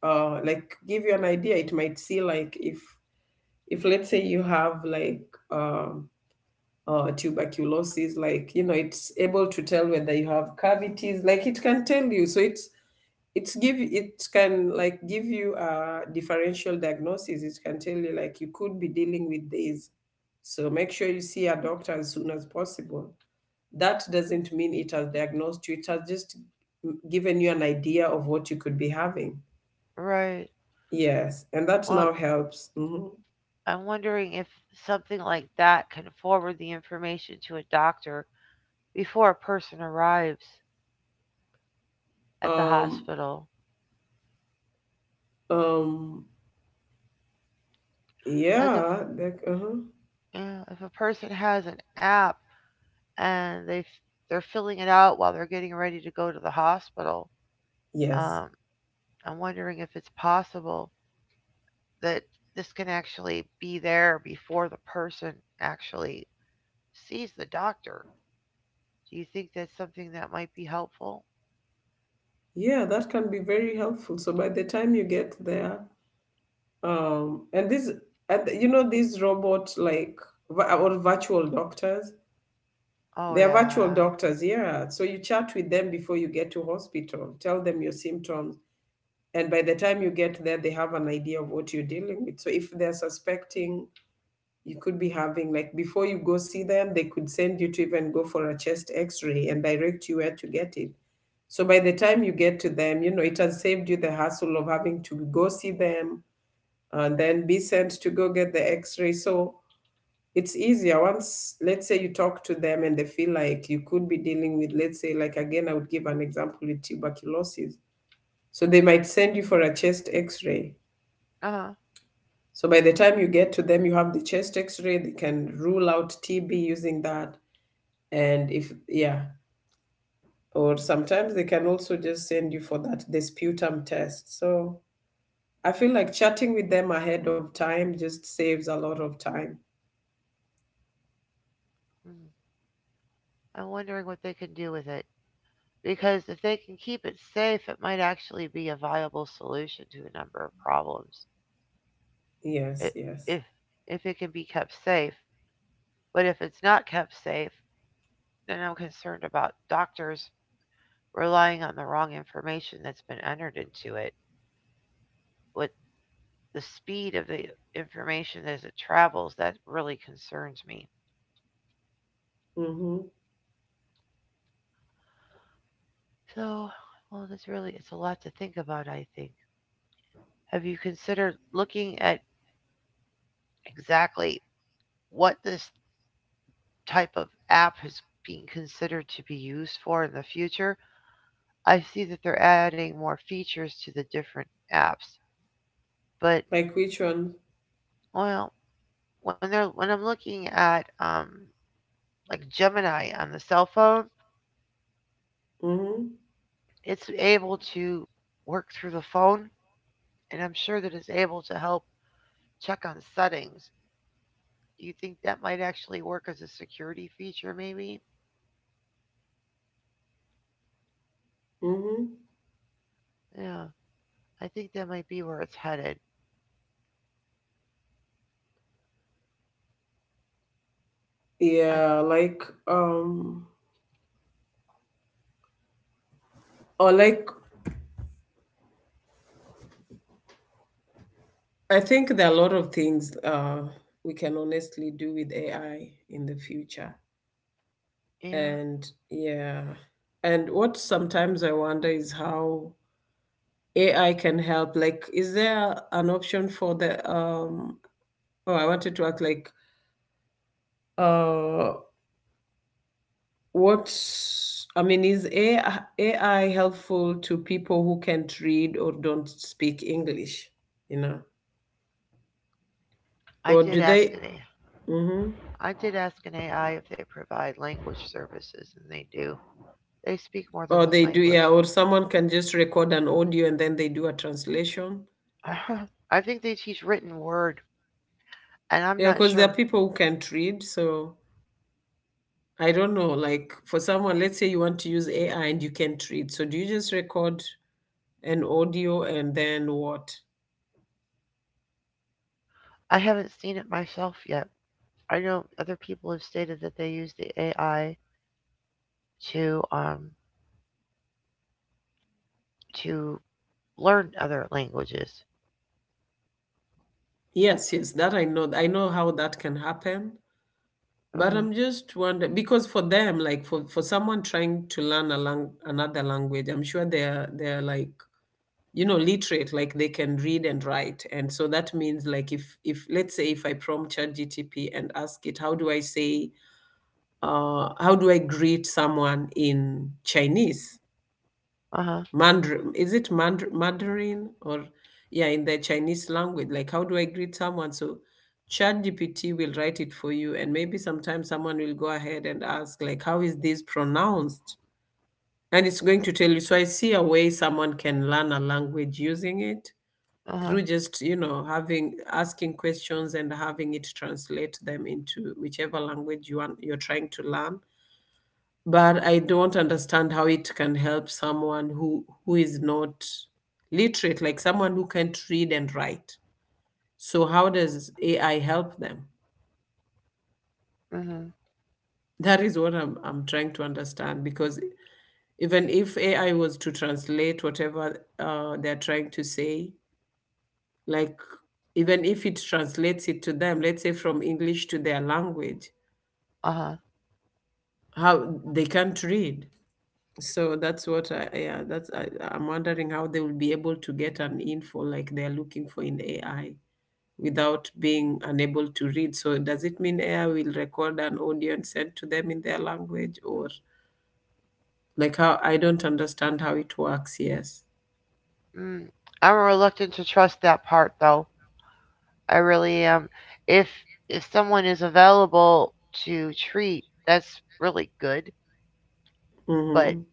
like give you an idea. It might see, like, if let's say you have like, um or tuberculosis, like, you know, it's able to tell whether you have cavities, like it can tell you. So it's give it can like give you a differential diagnosis. It can tell you, like, you could be dealing with this, so make sure you see a doctor as soon as possible. That doesn't mean it has diagnosed you, it has just given you an idea of what you could be having.
right.
Yes, and that
Well,
now helps.
I'm wondering if something like that can forward the information to a doctor before a person arrives at the
Um
hospital.
um
Like if,
yeah, like, uh-huh.
yeah, if a person has an app and they they're filling it out while they're getting ready to go to the hospital,
Yes.
um, I'm wondering if it's possible that this can actually be there before the person actually sees the doctor. Do you think that's something that might be helpful?
Yeah, that can be very helpful. So by the time you get there, um, and this, and, you know, these robots, like or virtual doctors,
Oh,
they are virtual
yeah.
doctors. Yeah. So you chat with them before you get to hospital, tell them your symptoms, and by the time you get there, they have an idea of what you're dealing with. So if they're suspecting you could be having, like, before you go see them, they could send you to even go for a chest x-ray and direct you where to get it. So by the time you get to them, you know, it has saved you the hassle of having to go see them and then be sent to go get the x-ray. So it's easier, once, let's say, you talk to them and they feel like you could be dealing with, let's say, like, again, I would give an example with tuberculosis. So they might send you for a chest x-ray.
Uh huh.
So by the time you get to them, you have the chest x ray. They can rule out TB using that. And if, yeah, or sometimes they can also just send you for that the sputum test. So I feel like chatting with them ahead of time just saves a lot of time.
I'm wondering what they can do with it. Because if they can keep it safe, it might actually be a viable solution to a number of problems.
Yes,
It,
yes.
if, if it can be kept safe. But if it's not kept safe, then I'm concerned about doctors relying on the wrong information that's been entered into it. What, the speed of the information as it travels, that really concerns me.
Mm-hmm.
So, well, that's really, it's a lot to think about, I think. Have you considered looking at exactly what this type of app is being considered to be used for in the future? I see that they're adding more features to the different apps, but
Like which one?
well, when they're, when I'm looking at like Gemini on the cell phone,
Mm-hmm.
it's able to work through the phone and I'm sure that it's able to help check on settings. Do you think that might actually work as a security feature, maybe?
Mm-hmm.
Yeah, I think that might be where it's headed. I,
Yeah, like, um or like I think there are a lot of things we can honestly do with AI in the future.
yeah,
And yeah. And what sometimes I wonder is how AI can help. Like, is there an option for the oh, I wanted to ask, like, uh what I mean, is AI helpful to people who can't read or don't speak English, you know?
I
Or
did
do
ask
they,
an
mm-hmm.
AI. I did ask an AI if they provide language services, and they do. They speak more than
Or
one
they do,
language.
yeah, or someone can just record an audio and then they do a translation.
I think they teach written word, and I'm
Yeah,
not
because there are
sure.
people who can't read, so I don't know, like, for someone, let's say you want to use AI and you can't read. So do you just record an audio and then what?
I haven't seen it myself yet. I know other people have stated that they use the AI to um to learn other languages.
Yes, yes, that I know. I know how that can happen. But
Uh-huh.
I'm just wondering because for them, like for someone trying to learn a another language, I'm sure they're like literate, like they can read and write, and so that means like if let's say if I prompt ChatGTP and ask it, how do I say, how do I greet someone in Chinese?
Uh-huh.
Mandarin, is it Mandarin or yeah, in the Chinese language? Like, how do I greet someone? So, ChatGPT will write it for you, and maybe sometimes someone will go ahead and ask, like, how is this pronounced? And it's going to tell you. So, I see a way someone can learn a language using it
Uh-huh.
through just having asking questions and having it translate them into whichever language you want you're trying to learn, but I don't understand how it can help someone who is not literate, like someone who can't read and write. So how does AI help them?
Mm-hmm.
That is what I'm trying to understand because even if AI was to translate whatever they're trying to say, like even if it translates it to them, let's say from English to their language,
Uh-huh.
how they can't read. So that's what I, yeah, that's I, I'm wondering how they will be able to get an info like they're looking for in AI without being unable to read. So does it mean AI will record an audio and send to them in their language, or like how, I don't understand how it works, yes.
Mm. I'm reluctant to trust that part though. I really am. If if someone is available to treat, that's really good, but
Mm-hmm.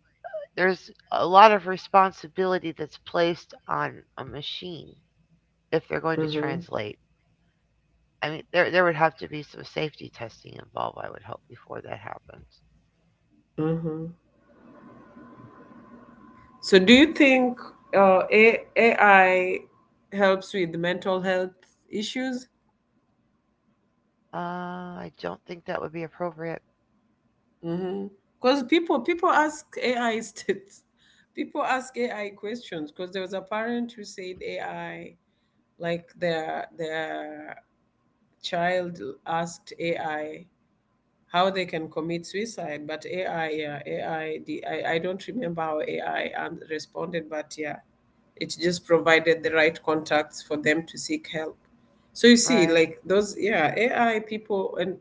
there's a lot of responsibility that's placed on a machine if they're going to
Mm-hmm.
translate. I mean, there would have to be some safety testing involved, I would hope, before that happens.
Mm-hmm. So do you think AI helps with mental health issues?
I don't think that would be appropriate.
Because people ask AI people ask AI questions because there was a parent who said AI like their child asked AI how they can commit suicide, but AI yeah AI the, I don't remember how AI and responded, but yeah, it just provided the right contacts for them to seek help. So you see,
Right.
like those, yeah, AI people and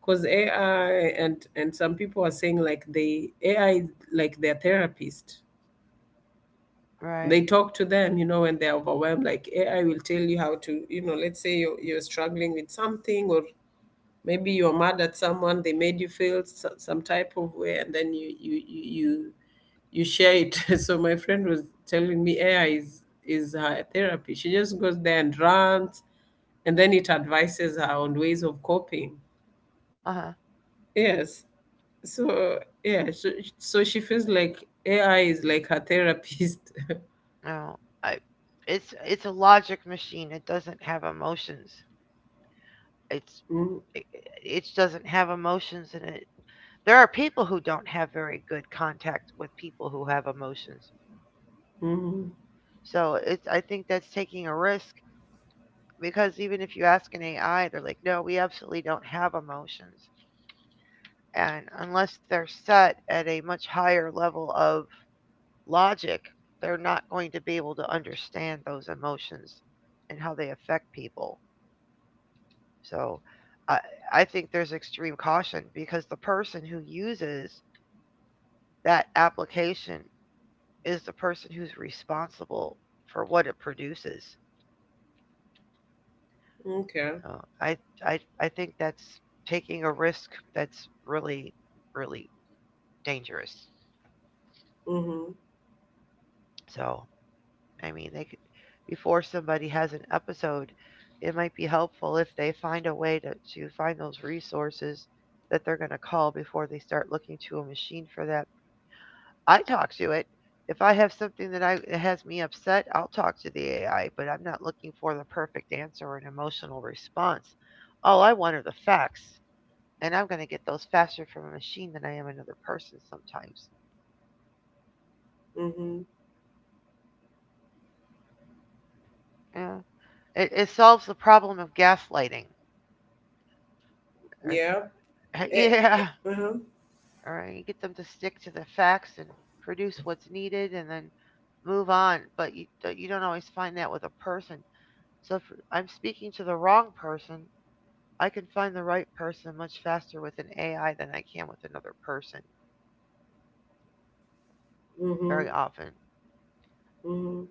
because AI and and some people are saying like they AI is like their therapist.
Right.
They talk to them, you know, when they're overwhelmed. Like AI will tell you how to, you know, let's say you're struggling with something, or maybe you're mad at someone. They made you feel s some type of way, and then you share it. So my friend was telling me AI is her therapy. She just goes there and rants, and then it advises her on ways of coping.
Uh-huh.
Yes. So yeah, so, so she feels like AI is like her therapist.
No, I. It's a logic machine. It doesn't have emotions. It's,
mm
it, it doesn't have emotions in it. There are people who don't have very good contact with people who have emotions.
mm
So it's, I think that's taking a risk because even if you ask an AI, they're like, no, we absolutely don't have emotions. And unless they're set at a much higher level of logic, they're not going to be able to understand those emotions and how they affect people. So I, I, think there's extreme caution because the person who uses that application is the person who's responsible for what it produces.
Okay.
So I, I think that's taking a risk that's really, really dangerous.
Mm-hmm.
So, I mean, they could, before somebody has an episode, it might be helpful if they find a way to find those resources that they're going to call before they start looking to a machine for that. I talk to it. If I have something that I, that has me upset, I'll talk to the AI, but I'm not looking for the perfect answer or an emotional response. All I want are the facts, and I'm going to get those faster from a machine than I am another person sometimes.
Mm-hmm.
Yeah. It solves the problem of gaslighting.
Yeah.
Right.
Eh, eh,
Yeah.
uh-huh.
All right. You get them to stick to the facts and produce what's needed and then move on. But you don't always find that with a person. So if I'm speaking to the wrong person, I can find the right person much faster with an AI than I can with another person,
Mm-hmm.
very often.
Mm-hmm.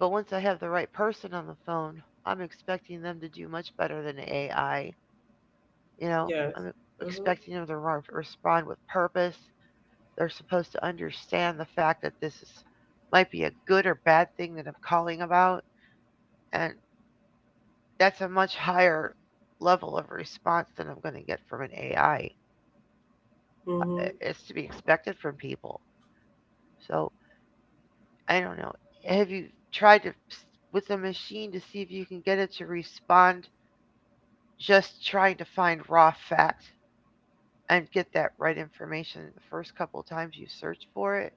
But once I have the right person on the phone, I'm expecting them to do much better than AI. You know,
Yes.
I'm
Mm-hmm.
expecting them to respond with purpose. They're supposed to understand the fact that this is, might be a good or bad thing that I'm calling about, and that's a much higher level of response than I'm going to get from an AI.
Mm-hmm.
It's to be expected from people. So I don't know. Have you tried with a machine to see if you can get it to respond just trying to find raw fact and get that right information the first couple times you search for it?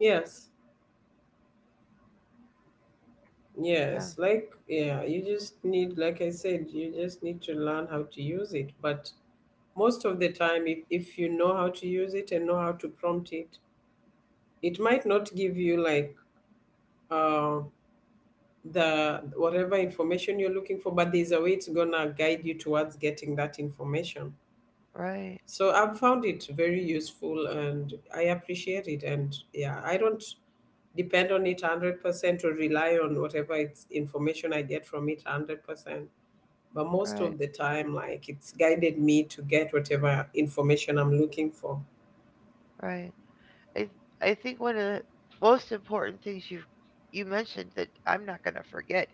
Yes.
Yeah,
Yes. Like yeah, you just need, like I said, you just need to learn how to use it. But most of the time, if you know how to use it and know how to prompt it, it might not give you like uh the whatever information you're looking for, but there's a way it's gonna guide you towards getting that information,
right,
so I've found it very useful and I appreciate it, and yeah, I don't depend on it 100% or rely on whatever it's information I get from it 100%, but most
right,
of the time like it's guided me to get whatever information I'm looking for.
right. I I think one of the most important things you mentioned that I'm not going to forget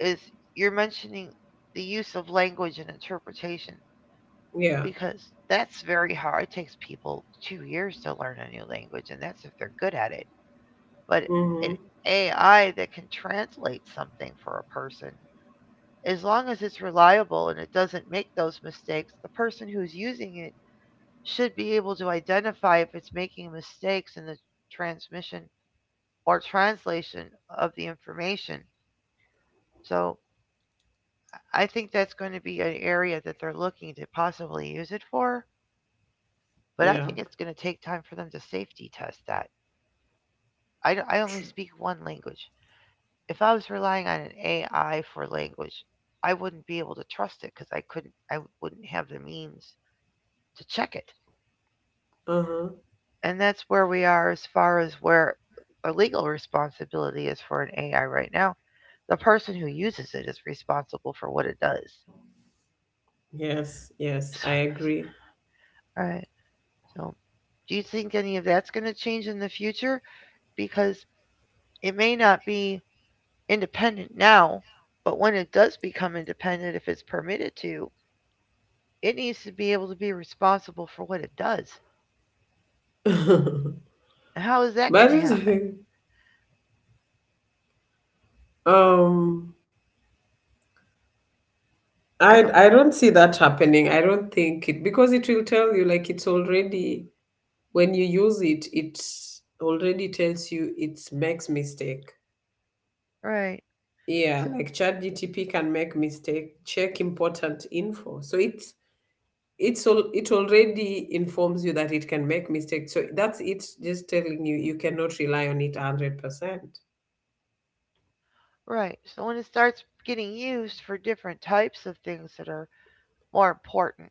is you're mentioning the use of language and interpretation
Yeah.
because that's very hard. It takes people 2 years to learn a new language and that's if they're good at it, but an
Hmm.
AI that can translate something for a person, as long as it's reliable and it doesn't make those mistakes, the person who's using it should be able to identify if it's making mistakes in the transmission or translation of the information. So I think that's going to be an area that they're looking to possibly use it for, but I
Yeah.
think it's going to take time for them to safety test that. I only
Tr-
speak one language. If I was relying on an AI for language, I wouldn't be able to trust it because I couldn't, I wouldn't have the means to check it.
uh-huh.
And that's where we are as far as where a legal responsibility is for an AI right now. The person who uses it is responsible for what it does.
Yes, yes,
So,
I agree.
all right. So, do you think any of that's going to change in the future? Because it may not be independent now, but when it does become independent, if it's permitted to, it needs to be able to be responsible for what it does.
But
How is that going to
it's
happen?
Um,
I
I
don't know.
don't see that happening. I don't think it, because it will tell you like it's already, when you use it, it already tells you it makes mistake.
Right.
Yeah,
So,
like ChatGTP can make mistake, check important info. So it's all, it already informs you that it can make mistakes, so that's it just telling you you cannot rely on it 100%.
right. So when it starts getting used for different types of things that are more important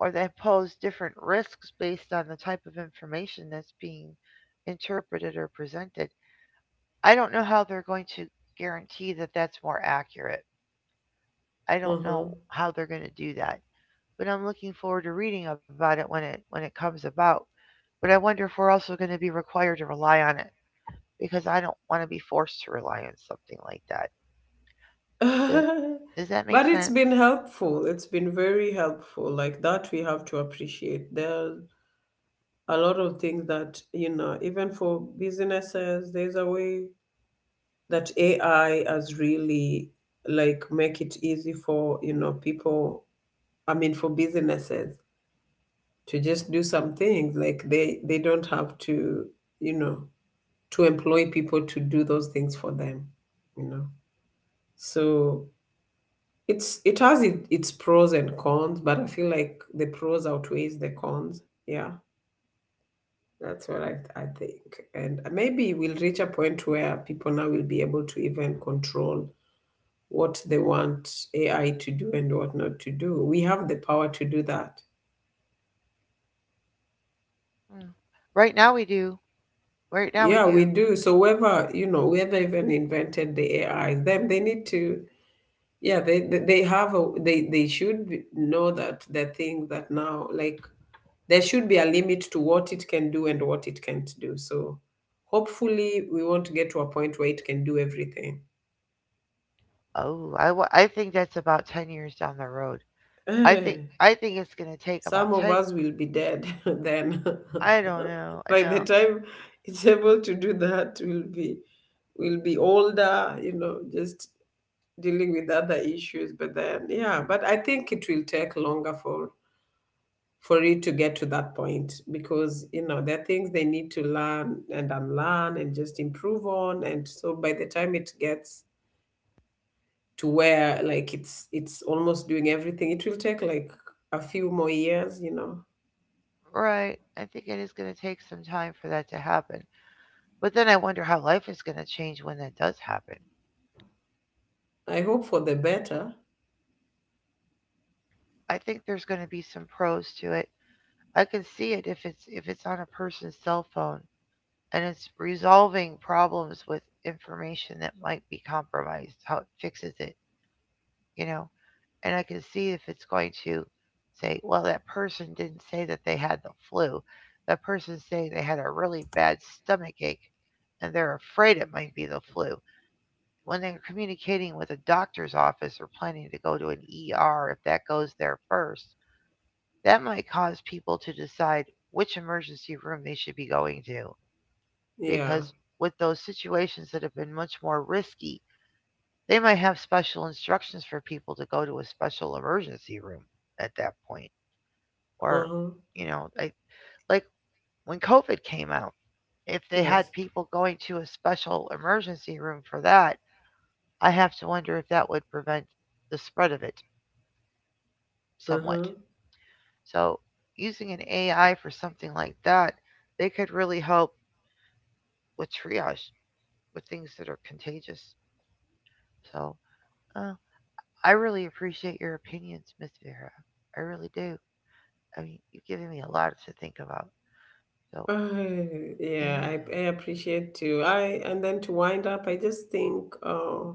or that pose different risks based on the type of information that's being interpreted or presented, I don't know how they're going to guarantee that that's more accurate. I don't know
Mm-hmm.
how they're going to do that, but I'm looking forward to reading about it when it comes about. But I wonder if we're also going to be required to rely on it, because I don't want to be forced to rely on something like that. Does, does that make
But it's
sense?
been helpful. It's been very helpful. Like that, we have to appreciate. There, a lot of things that you know, even for businesses there's a way that AI has really like make it easy for you know people, I mean for businesses, to just do some things, like they don't have to, you know, to employ people to do those things for them, you know. So it's, its pros and cons, but I feel like the pros outweighs the cons, yeah. That's what I think. And maybe we'll reach a point where people now will be able to even control what they want AI to do and what not to do. We have the power to do that.
Mm. Right now we do. Right now we
Yeah, we
do.
do. So whoever, you know, whoever even invented the AI, them they need to, yeah, they should know that the thing that now like there should be a limit to what it can do and what it can't do. So hopefully we want to get to a point where it can do everything.
I think that's about 10 years down the road. I think I think it's going to take about
Some of
10.
us will be dead then.
I don't know. I
By the
know.
time it's able to do that, we'll be, we'll be older, you know, just dealing with other issues. But then yeah, but I think it will take longer for it to get to that point because you know there are things they need to learn and unlearn and just improve on, and so by the time it gets to where like it's almost doing everything it will take like a few more years, you know.
Right. I think it is going to take some time for that to happen. But then I wonder how life is going to change when that does happen.
I hope for the better.
I think there's going to be some pros to it. I can see it if it's on a person's cell phone and it's resolving problems with information that might be compromised, how it fixes it, you know. And I can see if it's going to say, well, that person didn't say that they had the flu. That person's saying they had a really bad stomach ache and they're afraid it might be the flu. When they're communicating with a doctor's office or planning to go to an ER, if that goes there first, that might cause people to decide which emergency room they should be going to, because
Yeah.
with those situations that have been much more risky, they might have special instructions for people to go to a special emergency room at that point. Or,
Uh-huh.
you know, I, like when COVID came out, if they had
Yes.
people going to a special emergency room for that, I have to wonder if that would prevent the spread of it somewhat.
Uh-huh.
So, using an AI for something like that, they could really help with triage with things that are contagious. So, uh, I really appreciate your opinions, Miss Vera. I really do. I mean, you've given me a lot to think about. So,
Uh, yeah,
yeah.
I appreciate too. I and then to wind up, I just think uh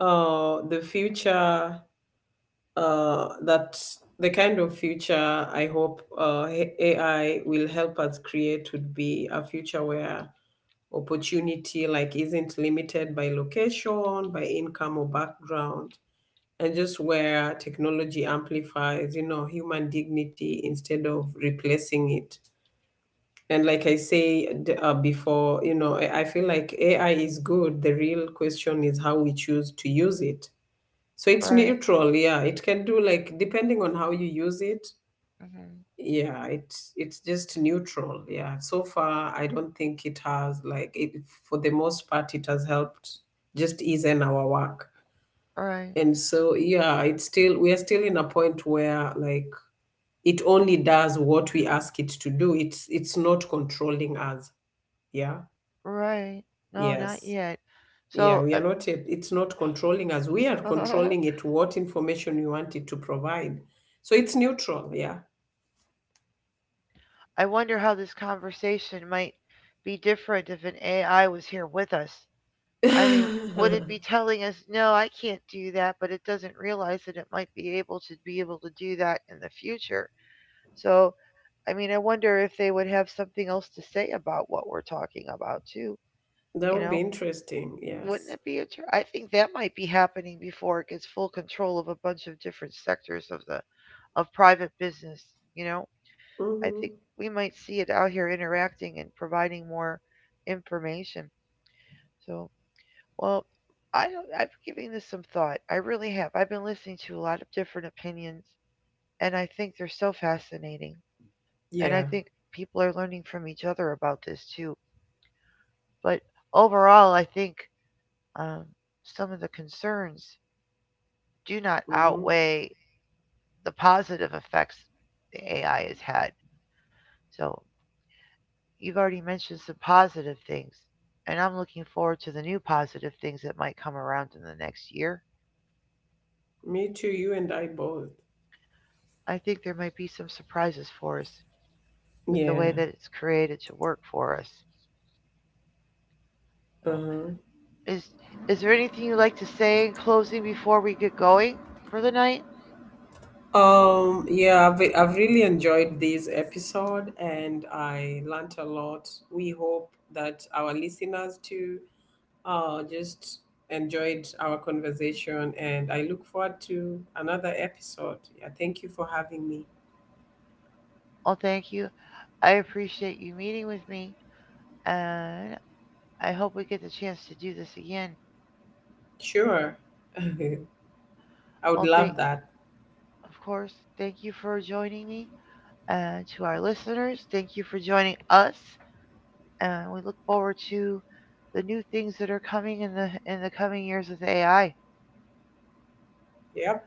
uh the future, that the kind of future I hope AI will help us create would be a future where opportunity like isn't limited by location, by income or background, and just where technology amplifies you know human dignity instead of replacing it. And like I said, before, you know, I feel like AI is good, the real question is how we choose to use it, so it's
Right.
neutral, yeah, it can do like depending on how you use it.
Mm-hmm.
Yeah, it's just neutral, yeah. So far I don't think it has like it, for the most part it has helped just ease in our work,
Right.
and so, yeah, it's still, we are still in a point where like it only does what we ask it to do. It's not controlling us. Yeah.
Right. No, not
Yes.
yet.
Yeah,
So,
we are not yet, it's not controlling us. We are controlling it what information we want it to provide. So it's neutral, yeah.
I wonder how this conversation might be different if an AI was here with us. I mean, would it be telling us, no, I can't do that, but it doesn't realize that it might be able to do that in the future? So, I mean, I wonder if they would have something else to say about what we're talking about too.
That
You
would be
know,
interesting,
wouldn't
yes.
it be? I think that might be happening before it gets full control of a bunch of different sectors of the of private business. You know, I think
Hmm.
we might see it out here interacting and providing more information. So, well, I don't, I've been giving this some thought. I really have. I've been listening to a lot of different opinions, and I think they're so fascinating. And I
Yeah.
think people are learning from each other about this too. But overall, I think um, some of the concerns do not
Hmm.
outweigh the positive effects the AI has had. So you've already mentioned some positive things, and I'm looking forward to the new positive things that might come around in the next year.
Me too, you and I both.
I think there might be some surprises for us with the
Yeah.
way that it's created to work for us. So
Uh-huh.
is is there anything you'd like to say in closing before we get going for the night?
Yeah, I've really enjoyed this episode and I learnt a lot. We hope that our listeners too just enjoyed our conversation, and I look forward to another episode. Yeah, thank you for having me.
Oh, thank you. I appreciate you meeting with me, and I hope we get the chance to do this again.
Sure. I would
Oh,
love
thank,
that.
of course, thank you for joining me. And to our listeners, thank you for joining us. And we look forward to the new things that are coming in the coming years with AI.
Yep.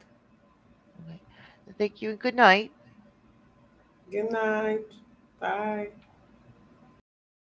Okay. Thank you and good night.
Good night. Bye.